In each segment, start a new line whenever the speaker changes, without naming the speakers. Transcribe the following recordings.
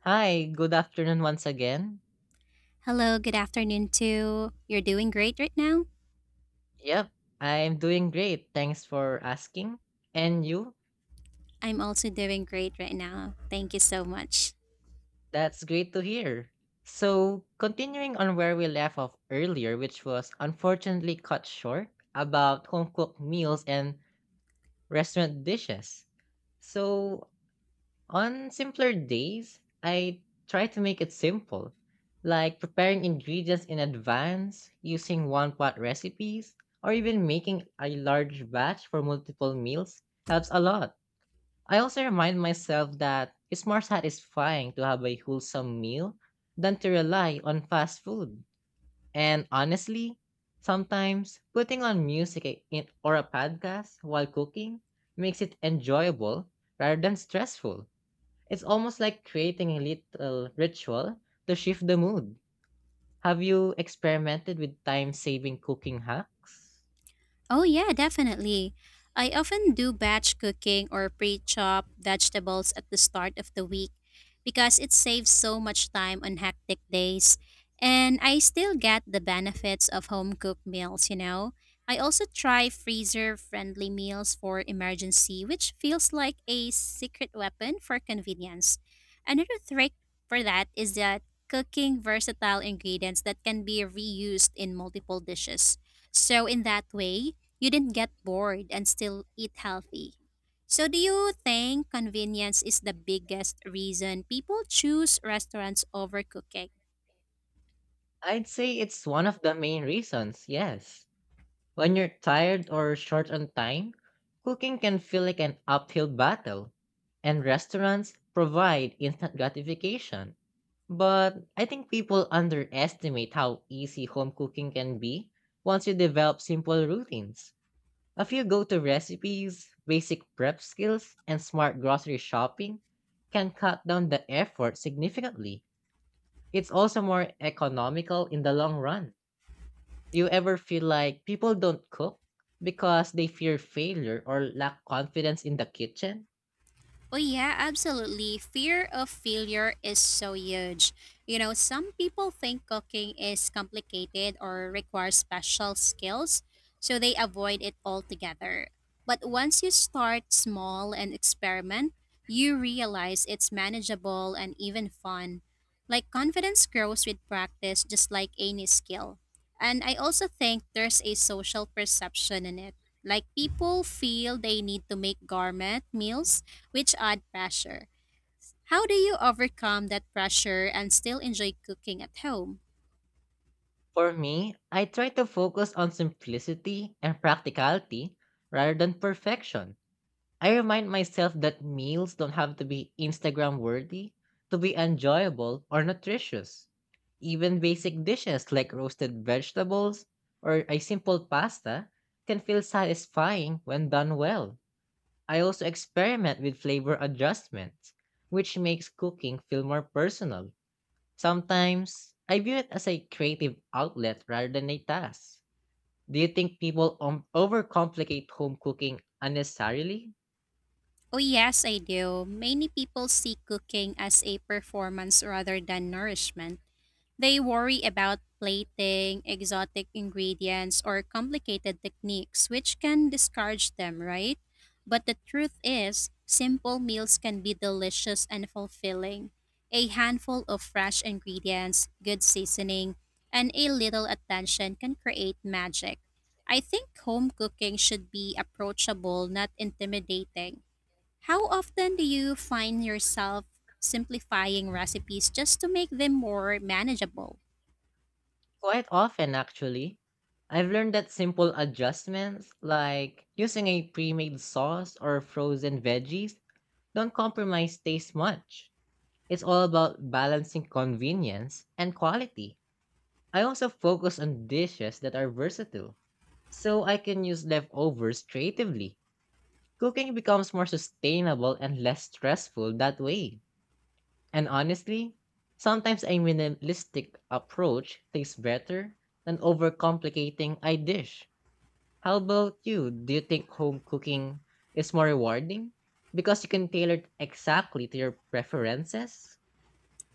Hi, good afternoon once again.
Hello, good afternoon too. You're doing great right now?
Yep, I'm doing great. Thanks for asking. And you?
I'm also doing great right now. Thank you so much.
That's great to hear. So, continuing on where we left off earlier, which was unfortunately cut short about home cooked meals and restaurant dishes. So, on simpler days, I try to make it simple, like preparing ingredients in advance, using one pot recipes, or even making a large batch for multiple meals helps a lot. I also remind myself that it's more satisfying to have a wholesome meal than to rely on fast food. And honestly, sometimes putting on music in, or a podcast while cooking makes it enjoyable rather than stressful. It's almost like creating a little ritual to shift the mood. Have you experimented with time saving cooking hacks?
Oh, yeah, definitely. I often do batch cooking or pre chop vegetables at the start of the week because it saves so much time on hectic days. And I still get the benefits of home cooked meals, you know. I also try freezer friendly meals for emergency, which feels like a secret weapon for convenience. Another trick for that is that cooking versatile ingredients that can be reused in multiple dishes. So, in that way, you didn't get bored and still eat healthy. So, do you think convenience is the biggest reason people choose restaurants over cooking?
I'd say it's one of the main reasons, yes. When you're tired or short on time, cooking can feel like an uphill battle, and restaurants provide instant gratification. But I think people underestimate how easy home cooking can be once you develop simple routines. A few go to recipes, basic prep skills, and smart grocery shopping can cut down the effort significantly. It's also more economical in the long run. Do you ever feel like people don't cook because they fear failure or lack confidence in the kitchen?
Oh, yeah, absolutely. Fear of failure is so huge. You know, some people think cooking is complicated or requires special skills, so they avoid it altogether. But once you start small and experiment, you realize it's manageable and even fun. Like, confidence grows with practice, just like any skill. And I also think there's a social perception in it. Like, people feel they need to make gourmet meals which add pressure. How do you overcome that pressure and still enjoy cooking at home?
For me, I try to focus on simplicity and practicality rather than perfection. I remind myself that meals don't have to be Instagram worthy to be enjoyable or nutritious. Even basic dishes like roasted vegetables or a simple pasta can feel satisfying when done well. I also experiment with flavor adjustments, which makes cooking feel more personal. Sometimes I view it as a creative outlet rather than a task. Do you think people overcomplicate home cooking unnecessarily?
Oh, yes, I do. Many people see cooking as a performance rather than nourishment. They worry about plating, exotic ingredients, or complicated techniques, which can discourage them, right? But the truth is, simple meals can be delicious and fulfilling. A handful of fresh ingredients, good seasoning, and a little attention can create magic. I think home cooking should be approachable, not intimidating. How often do you find yourself simplifying recipes just to make them more manageable?
Quite often, actually. I've learned that simple adjustments, like using a pre made sauce or frozen veggies, don't compromise taste much. It's all about balancing convenience and quality. I also focus on dishes that are versatile, so I can use leftovers creatively. Cooking becomes more sustainable and less stressful that way. And honestly, sometimes a minimalistic approach tastes better than overcomplicating a dish. How about you? Do you think home cooking is more rewarding? Because you can tailor it exactly to your preferences?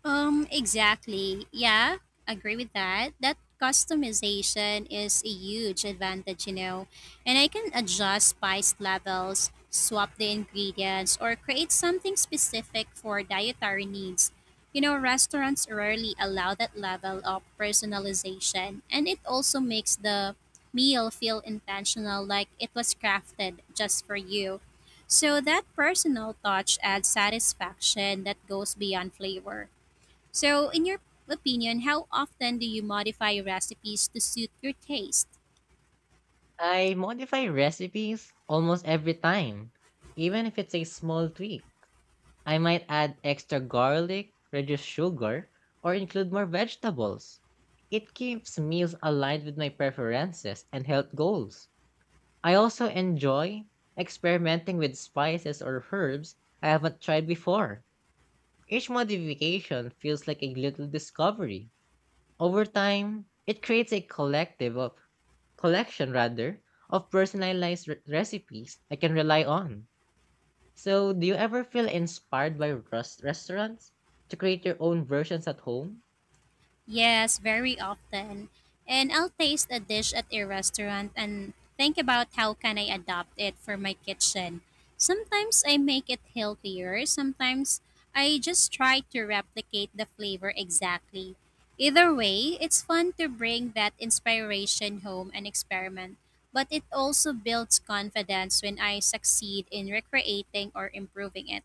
Exactly. Yeah, agree with that. That customization is a huge advantage, you know. And I can adjust spice levels, swap the ingredients, or create something specific for dietary needs. You know, restaurants rarely allow that level of personalization, and it also makes the meal feel intentional, like it was crafted just for you. So that personal touch adds satisfaction that goes beyond flavor. So, in your opinion, how often do you modify recipes to suit your taste?
I modify recipes almost every time, even if it's a small tweak. I might add extra garlic, reduce sugar, or include more vegetables. It keeps meals aligned with my preferences and health goals. I also enjoy experimenting with spices or herbs I haven't tried before. Each modification feels like a little discovery. Over time, it creates a collective of collection rather of personalized recipes I can rely on. So, do you ever feel inspired by restaurants to create your own versions at home?
Yes, very often. And I'll taste a dish at a restaurant and think about how can I adopt it for my kitchen. Sometimes I make it healthier, sometimes I just try to replicate the flavor exactly. Either way, it's fun to bring that inspiration home and experiment, but it also builds confidence when I succeed in recreating or improving it.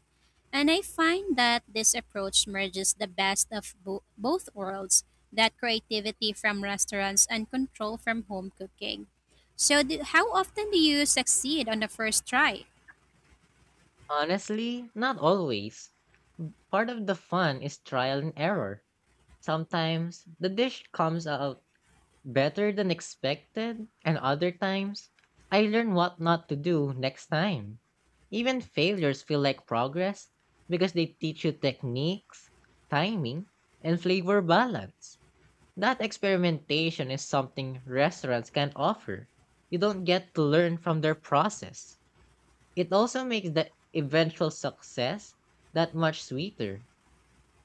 And I find that this approach merges the best of both worlds, that creativity from restaurants and control from home cooking. So, how often do you succeed on the first try?
Honestly, not always. Part of the fun is trial and error. Sometimes the dish comes out better than expected, and other times, I learn what not to do next time. Even failures feel like progress because they teach you techniques, timing, and flavor balance. That experimentation is something restaurants can not offer. You don't get to learn from their process. It also makes the eventual success that much sweeter.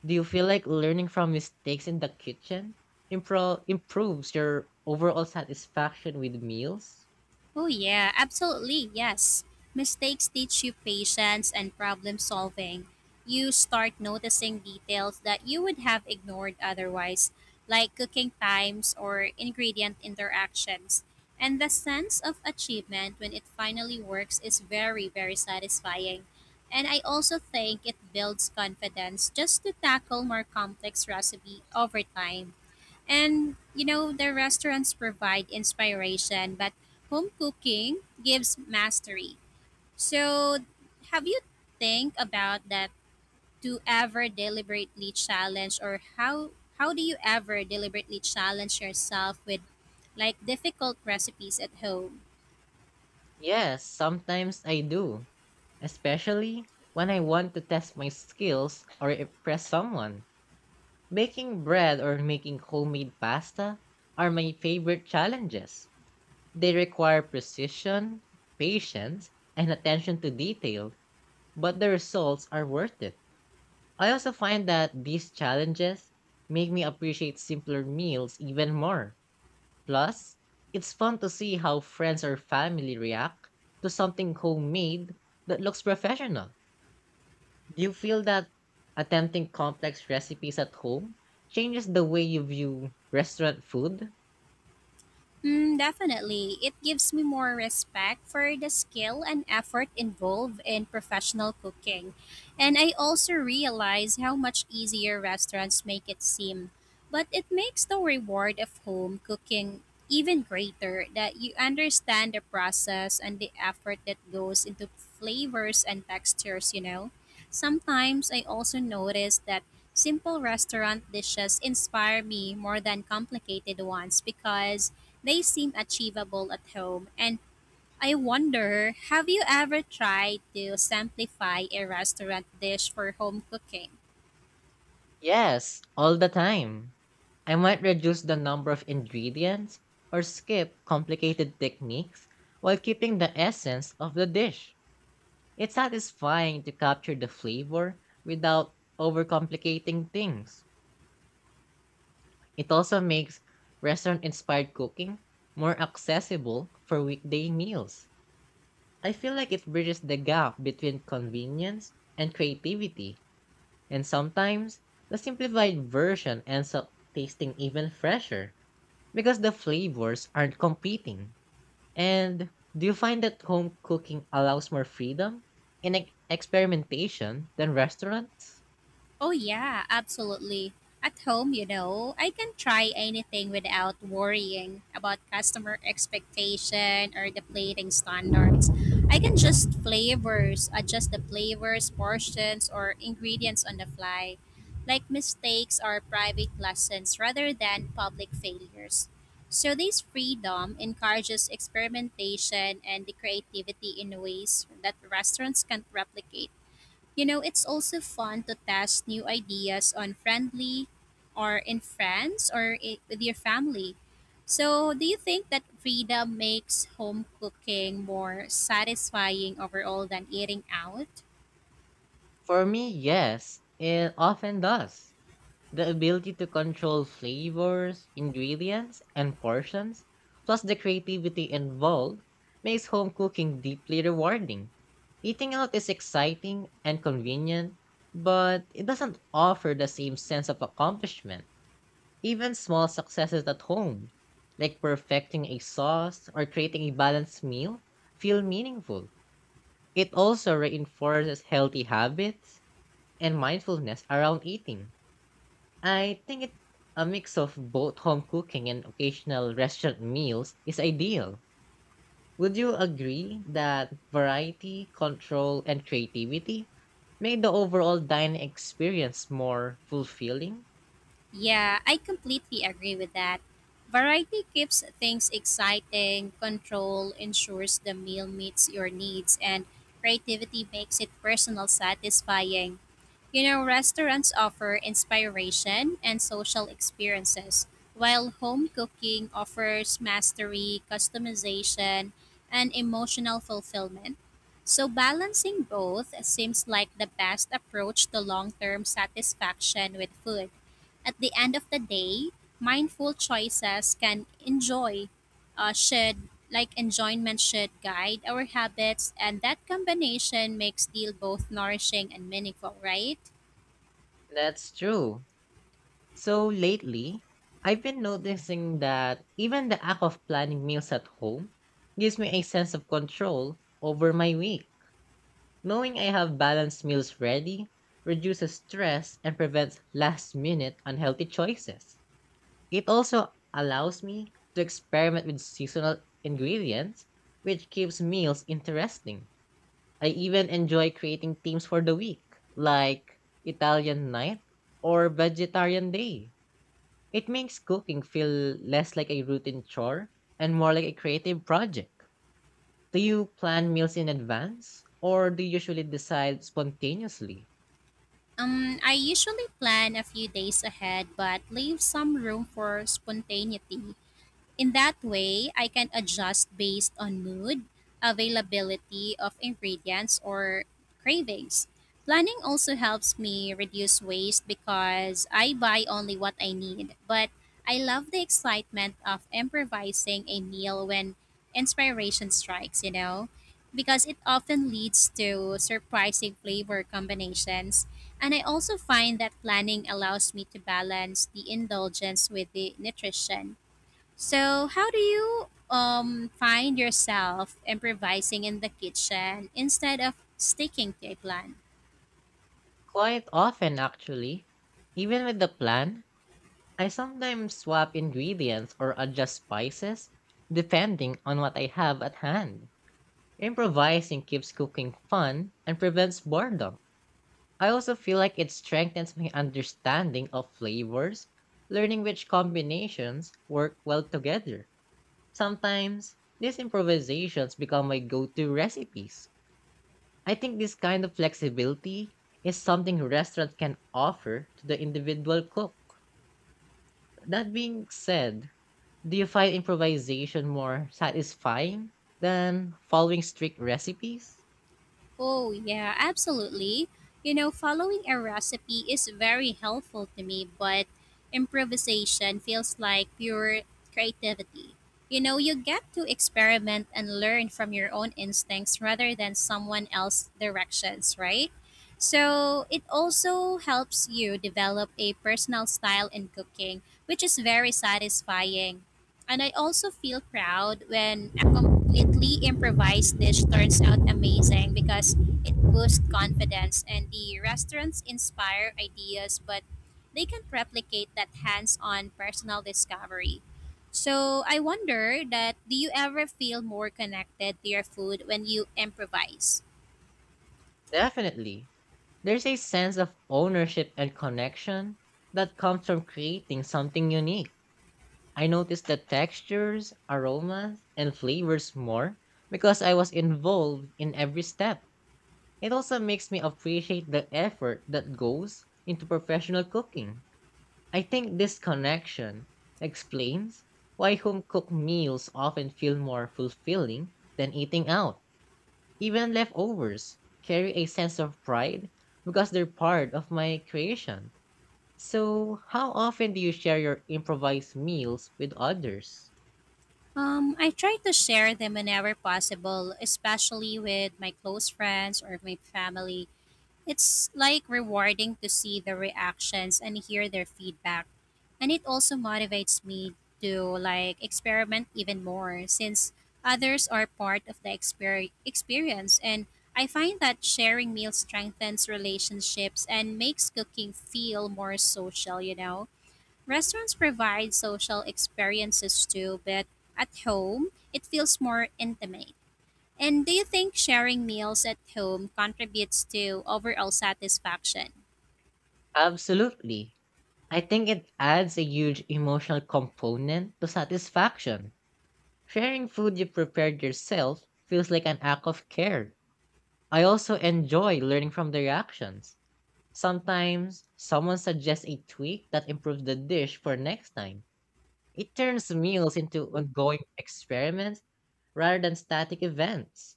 Do you feel like learning from mistakes in the kitchen improves your overall satisfaction with meals?
Oh, yeah, absolutely, yes. Mistakes teach you patience and problem solving. You start noticing details that you would have ignored otherwise, like cooking times or ingredient interactions. And the sense of achievement when it finally works is very, very satisfying. And I also think it builds confidence just to tackle more complex recipe over time. And you know, the restaurants provide inspiration, but home cooking gives mastery. So, have you think about that to ever deliberately challenge or how do you ever deliberately challenge yourself with like difficult recipes at home?
Yes, sometimes I do, especially when I want to test my skills or impress someone. Baking bread or making homemade pasta are my favorite challenges. They require precision, patience, and attention to detail, but the results are worth it. I also find that these challenges make me appreciate simpler meals even more. Plus, it's fun to see how friends or family react to something homemade that looks professional. Do you feel that attempting complex recipes at home changes the way you view restaurant food?
Mm, definitely. It gives me more respect for the skill and effort involved in professional cooking. And I also realize how much easier restaurants make it seem. But it makes the reward of home cooking even greater, that you understand the process and the effort that goes into flavors and textures, you know. Sometimes I also notice that simple restaurant dishes inspire me more than complicated ones because they seem achievable at home, and I wonder, have you ever tried to simplify a restaurant dish for home cooking?
Yes, all the time. I might reduce the number of ingredients or skip complicated techniques while keeping the essence of the dish. It's satisfying to capture the flavor without overcomplicating things. It also makes restaurant inspired cooking more accessible for weekday meals. I feel like it bridges the gap between convenience and creativity, and sometimes the simplified version ends up tasting even fresher because the flavors aren't competing. And do you find that home cooking allows more freedom in experimentation than restaurants?
Oh, yeah, absolutely. At home, you know, I can try anything without worrying about customer expectation or the plating standards. I can just adjust the flavors, portions, or ingredients on the fly. Like mistakes are private lessons rather than public failures. So, this freedom encourages experimentation and the creativity in ways that restaurants can't replicate. You know, it's also fun to test new ideas on friendly or in friends or I with your family. So, do you think that freedom makes home cooking more satisfying overall than eating out?
For me, yes, it often does. The ability to control flavors, ingredients, and portions, plus the creativity involved, makes home cooking deeply rewarding. Eating out is exciting and convenient, but it doesn't offer the same sense of accomplishment. Even small successes at home, like perfecting a sauce or creating a balanced meal, feel meaningful. It also reinforces healthy habits and mindfulness around eating. I think it a mix of both home cooking and occasional restaurant meals is ideal. Would you agree that variety, control, and creativity make the overall dining experience more fulfilling?
Yeah, I completely agree with that. Variety keeps things exciting, control ensures the meal meets your needs, and creativity makes it personal satisfying. You know, restaurants offer inspiration and social experiences, while home cooking offers mastery, customization, and emotional fulfillment. So, balancing both seems like the best approach to long term satisfaction with food. At the end of the day, mindful choices can enjoy, should, like enjoyment should guide our habits, and that combination makes deal both nourishing and meaningful, right?
That's true. So lately, I've been noticing that even the act of planning meals at home gives me a sense of control over my week. Knowing I have balanced meals ready reduces stress and prevents last minute unhealthy choices. It also allows me to experiment with seasonal ingredients, which keeps meals interesting. I even enjoy creating themes for the week, like Italian night or vegetarian day. It makes cooking feel less like a routine chore and more like a creative project. Do you plan meals in advance or do you usually decide spontaneously?
I usually plan a few days ahead, but leave some room for spontaneity. In that way, I can adjust based on mood, availability of ingredients, or cravings. Planning also helps me reduce waste because I buy only what I need, but I love the excitement of improvising a meal when inspiration strikes, you know, because it often leads to surprising flavor combinations. And I also find that planning allows me to balance the indulgence with the nutrition. So, how do you find yourself improvising in the kitchen instead of sticking to a plan?
Quite often, actually. Even with the plan, I sometimes swap ingredients or adjust spices, depending on what I have at hand. Improvising keeps cooking fun and prevents boredom. I also feel like it strengthens my understanding of flavors, learning which combinations work well together. Sometimes, these improvisations become my go to recipes. I think this kind of flexibility is something restaurants can offer to the individual cook. That being said, do you find improvisation more satisfying than following strict recipes?
Oh, yeah, absolutely. You know, following a recipe is very helpful to me, but improvisation feels like pure creativity. You know, you get to experiment and learn from your own instincts rather than someone else's directions, right? So, it also helps you develop a personal style in cooking, which is very satisfying. And I also feel proud when a completely improvised dish turns out amazing because it boosts confidence and the restaurants inspire ideas, but they can't replicate that hands on personal discovery. So I wonder that, do you ever feel more connected to your food when you improvise?
Definitely. There's a sense of ownership and connection that comes from creating something unique. I noticed the textures, aromas, and flavors more because I was involved in every step. It also makes me appreciate the effort that goes into professional cooking. I think this connection explains why home cooked meals often feel more fulfilling than eating out. Even leftovers carry a sense of pride because they're part of my creation. So, how often do you share your improvised meals with others?
I try to share them whenever possible, especially with my close friends or my family. It's like rewarding to see the reactions and hear their feedback. And it also motivates me to like experiment even more, since others are part of the experience. And I find that sharing meals strengthens relationships and makes cooking feel more social, you know. Restaurants provide social experiences too, but at home it feels more intimate. And do you think sharing meals at home contributes to overall satisfaction?
Absolutely. I think it adds a huge emotional component to satisfaction. Sharing food you prepared yourself feels like an act of care. I also enjoy learning from their actions. Sometimes someone suggests a tweak that improves the dish for next time. It turns meals into ongoing experiments rather than static events.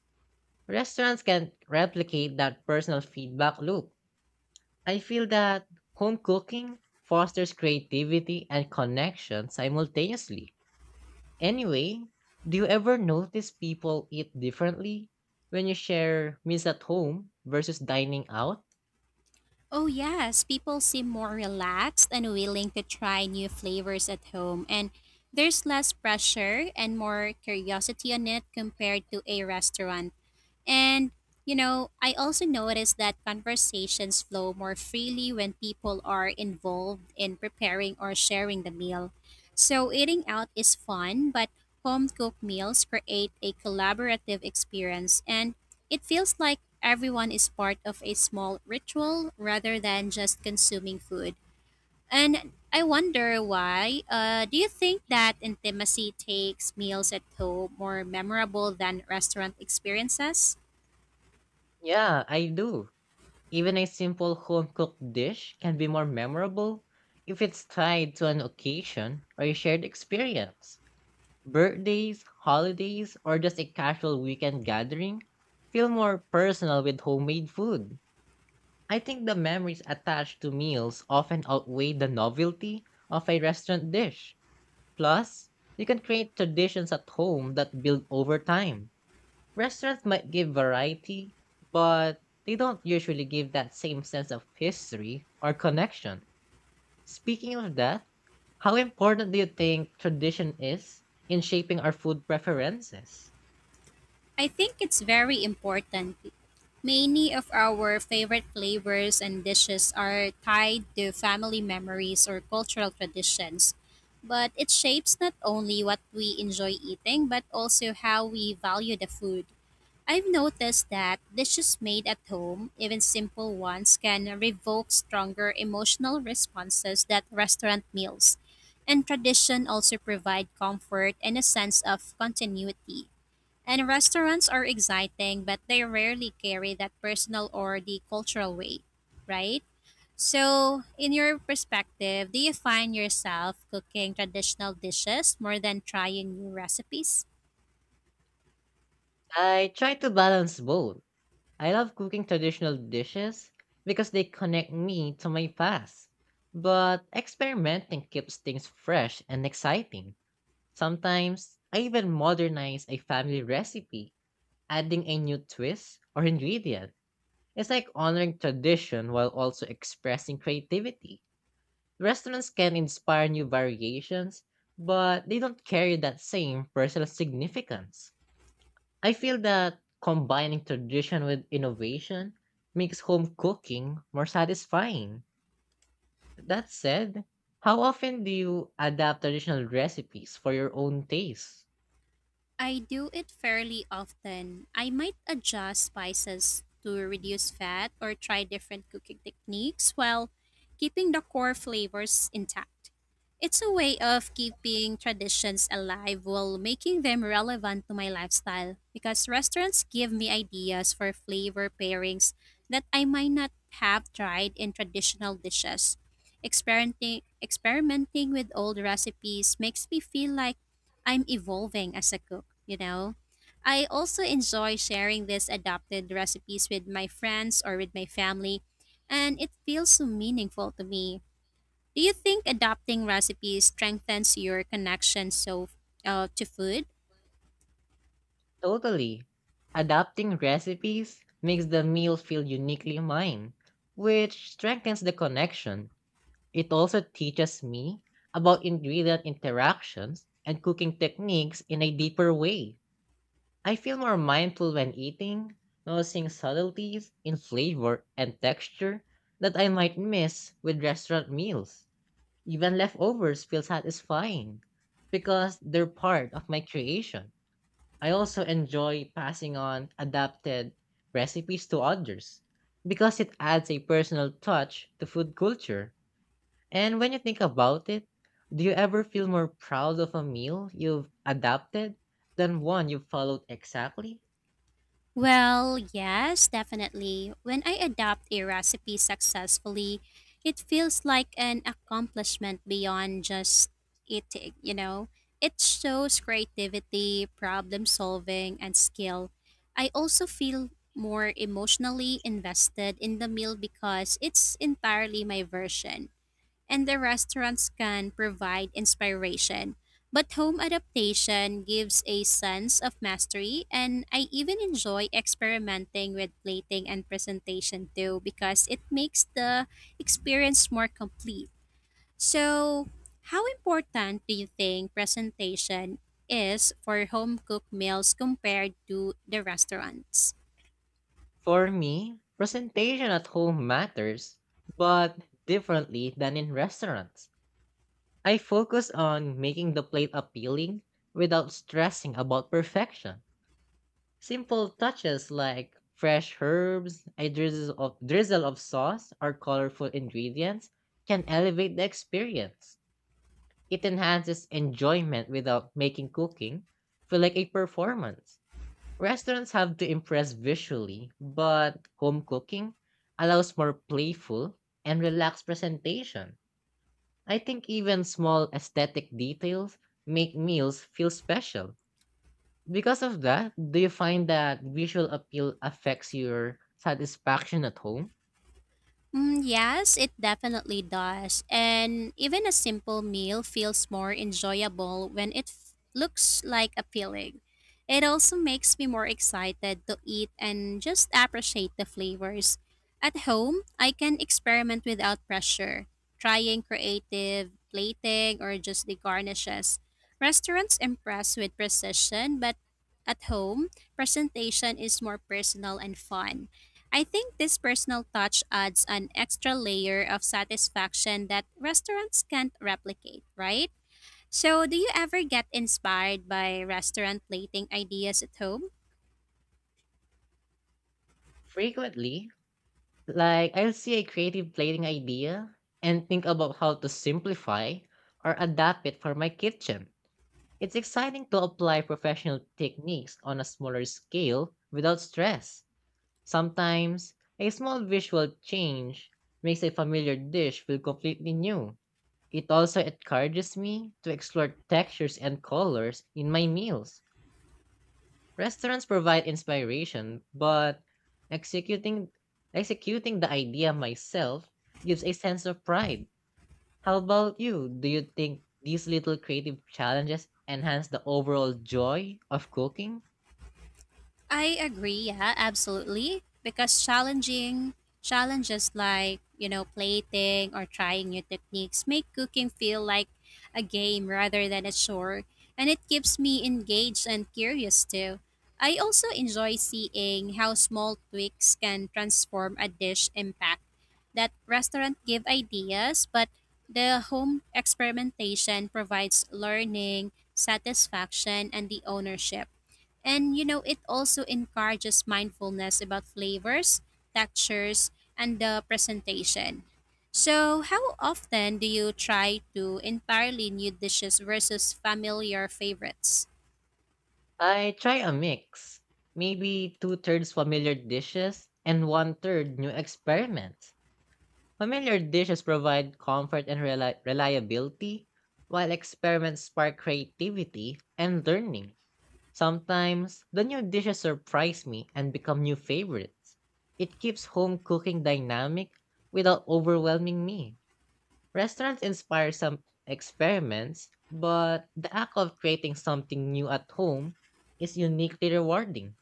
Restaurants can replicate that personal feedback loop. I feel that home cooking fosters creativity and connection simultaneously. Anyway, do you ever notice people eat differently when you share meals at home versus dining out?
Oh, yes, people seem more relaxed and willing to try new flavors at home, and there's less pressure and more curiosity on it compared to a restaurant. And, you know, I also noticed that conversations flow more freely when people are involved in preparing or sharing the meal. So eating out is fun, but home cooked meals create a collaborative experience, and it feels like everyone is part of a small ritual rather than just consuming food. And I wonder why. Do you think that intimacy takes meals at home more memorable than restaurant experiences?
Yeah, I do. Even a simple home cooked dish can be more memorable if it's tied to an occasion or a shared experience. Birthdays, holidays, or just a casual weekend gathering feel more personal with homemade food. I think the memories attached to meals often outweigh the novelty of a restaurant dish. Plus, you can create traditions at home that build over time. Restaurants might give variety, but they don't usually give that same sense of history or connection. Speaking of that, how important do you think tradition is in shaping our food preferences?
I think it's very important. Many of our favorite flavors and dishes are tied to family memories or cultural traditions. But it shapes not only what we enjoy eating, but also how we value the food. I've noticed that dishes made at home, even simple ones, can revoke stronger emotional responses than restaurant meals. And tradition also provide comfort and a sense of continuity. And restaurants are exciting, but they rarely carry that personal or the cultural weight, right? So, in your perspective, do you find yourself cooking traditional dishes more than trying new recipes?
I try to balance both. I love cooking traditional dishes because they connect me to my past, but experimenting keeps things fresh and exciting. Sometimes I even modernize a family recipe, adding a new twist or ingredient. It's like honoring tradition while also expressing creativity. Restaurants can inspire new variations, but they don't carry that same personal significance. I feel that combining tradition with innovation makes home cooking more satisfying. That said, how often do you adapt traditional recipes for your own taste?
I do it fairly often. I might adjust spices to reduce fat or try different cooking techniques while keeping the core flavors intact. It's a way of keeping traditions alive while making them relevant to my lifestyle, because restaurants give me ideas for flavor pairings that I might not have tried in traditional dishes. Experimenting with old recipes makes me feel like I'm evolving as a cook, you know? I also enjoy sharing these adopted recipes with my friends or with my family, and it feels so meaningful to me. Do you think adopting recipes strengthens your connection to food?
Totally. Adapting recipes makes the meal feel uniquely mine, which strengthens the connection. It also teaches me about ingredient interactions and cooking techniques in a deeper way. I feel more mindful when eating, noticing subtleties in flavor and texture that I might miss with restaurant meals. Even leftovers feel satisfying because they're part of my creation. I also enjoy passing on adapted recipes to others because it adds a personal touch to food culture. And when you think about it, do you ever feel more proud of a meal you've adapted than one you followed exactly?
Well, yes, definitely. When I adopt a recipe successfully, it feels like an accomplishment beyond just eating, you know? It shows creativity, problem solving, and skill. I also feel more emotionally invested in the meal because it's entirely my version. And the restaurants can provide inspiration. But home adaptation gives a sense of mastery, and I even enjoy experimenting with plating and presentation too, because it makes the experience more complete. So, how important do you think presentation is for home cooked meals compared to the restaurants?
For me, presentation at home matters, but differently than in restaurants. I focus on making the plate appealing without stressing about perfection. Simple touches like fresh herbs, a drizzle of sauce, or colorful ingredients can elevate the experience. It enhances enjoyment without making cooking feel like a performance. Restaurants have to impress visually, but home cooking allows more playful and relaxed presentation. I think even small aesthetic details make meals feel special. Because of that, do you find that visual appeal affects your satisfaction at home?
Mm, yes, it definitely does. And even a simple meal feels more enjoyable when it looks like appealing. It also makes me more excited to eat and just appreciate the flavors. At home, I can experiment without pressure, trying creative plating or just the garnishes. Restaurants impress with precision, but at home, presentation is more personal and fun. I think this personal touch adds an extra layer of satisfaction that restaurants can't replicate, right? So, do you ever get inspired by restaurant plating ideas at home?
Frequently, like I'll see a creative plating idea and think about how to simplify or adapt it for my kitchen. It's exciting to apply professional techniques on a smaller scale without stress. Sometimes, a small visual change makes a familiar dish feel completely new. It also encourages me to explore textures and colors in my meals. Restaurants provide inspiration, but executing executing the idea myself gives a sense of pride. How about you? Do you think these little creative challenges enhance the overall joy of cooking?
I agree, yeah, absolutely. Because challenging challenges like, you know, plating or trying new techniques make cooking feel like a game rather than a chore, and it keeps me engaged and curious too. I also enjoy seeing how small tweaks can transform a dish impact. That restaurant give ideas, but the home experimentation provides learning, satisfaction, and the ownership. And you know, it also encourages mindfulness about flavors, textures, and the presentation. So, how often do you try to entirely new dishes versus familiar favorites?
I try a mix. Maybe two thirds familiar dishes and one third new experiments. Familiar dishes provide comfort and reliability, while experiments spark creativity and learning. Sometimes the new dishes surprise me and become new favorites. It keeps home cooking dynamic without overwhelming me. Restaurants inspire some experiments, but the act of creating something new at home is uniquely rewarding.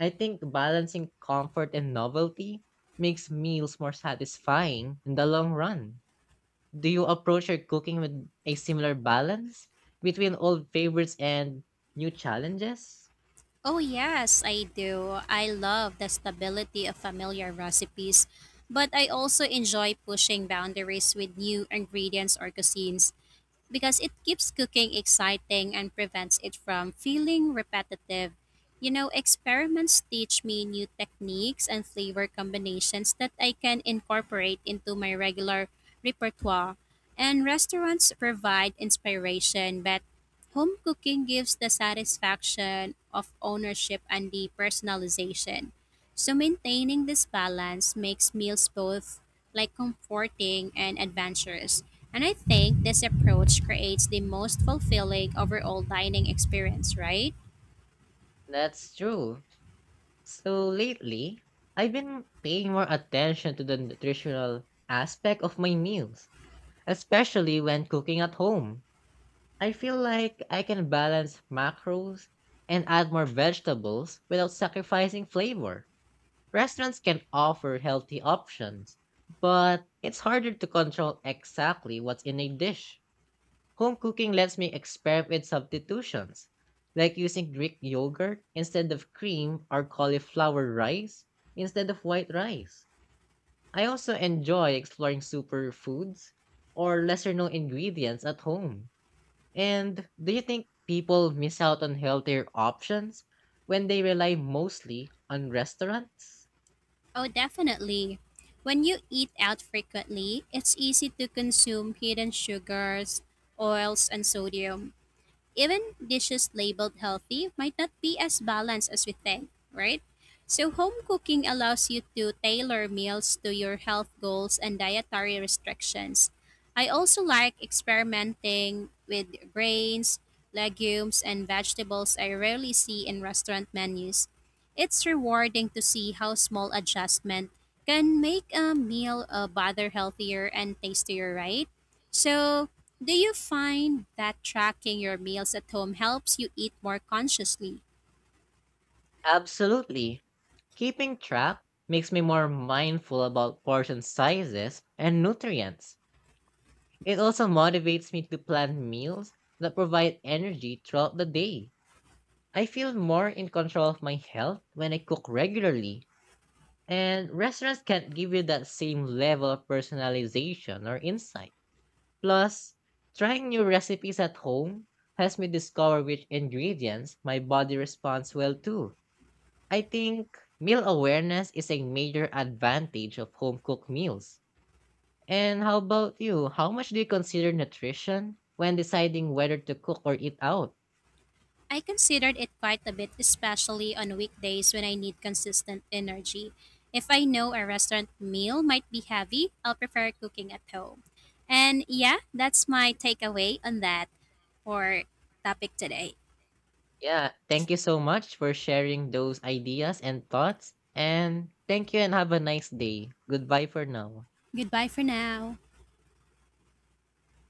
I think balancing comfort and novelty makes meals more satisfying in the long run. Do you approach your cooking with a similar balance between old favorites and new challenges?
Oh, yes, I do. I love the stability of familiar recipes, but I also enjoy pushing boundaries with new ingredients or cuisines, because it keeps cooking exciting and prevents it from feeling repetitive. You know, experiments teach me new techniques and flavor combinations that I can incorporate into my regular repertoire. And restaurants provide inspiration, but home cooking gives the satisfaction of ownership and the personalization. So maintaining this balance makes meals both like comforting and adventurous. And I think this approach creates the most fulfilling overall dining experience, right?
That's true. So lately, I've been paying more attention to the nutritional aspect of my meals, especially when cooking at home. I feel like I can balance macros and add more vegetables without sacrificing flavor. Restaurants can offer healthy options, but it's harder to control exactly what's in a dish. Home cooking lets me experiment with substitutions, like using Greek yogurt instead of cream or cauliflower rice instead of white rice. I also enjoy exploring superfoods or lesser known ingredients at home. And do you think people miss out on healthier options when they rely mostly on restaurants?
Oh, definitely. When you eat out frequently, it's easy to consume hidden sugars, oils, and sodium. Even dishes labeled healthy might not be as balanced as we think, right? So, home cooking allows you to tailor meals to your health goals and dietary restrictions. I also like experimenting with grains, legumes, and vegetables I rarely see in restaurant menus. It's rewarding to see how small adjustment can make a meal bother healthier and tastier, right? So, do you find that tracking your meals at home helps you eat more consciously?
Absolutely. Keeping track makes me more mindful about portion sizes and nutrients. It also motivates me to plan meals that provide energy throughout the day. I feel more in control of my health when I cook regularly, and restaurants can't give you that same level of personalization or insight. Plus, trying new recipes at home helps me discover which ingredients my body responds well to. I think meal awareness is a major advantage of home cooked meals. And how about you? How much do you consider nutrition when deciding whether to cook or eat out?
I considered it quite a bit, especially on weekdays when I need consistent energy. If I know a restaurant meal might be heavy, I'll prefer cooking at home. And yeah, that's my takeaway on that for topic today.
Yeah, thank you so much for sharing those ideas and thoughts. And thank you and have a nice day. Goodbye for now.
Goodbye for now.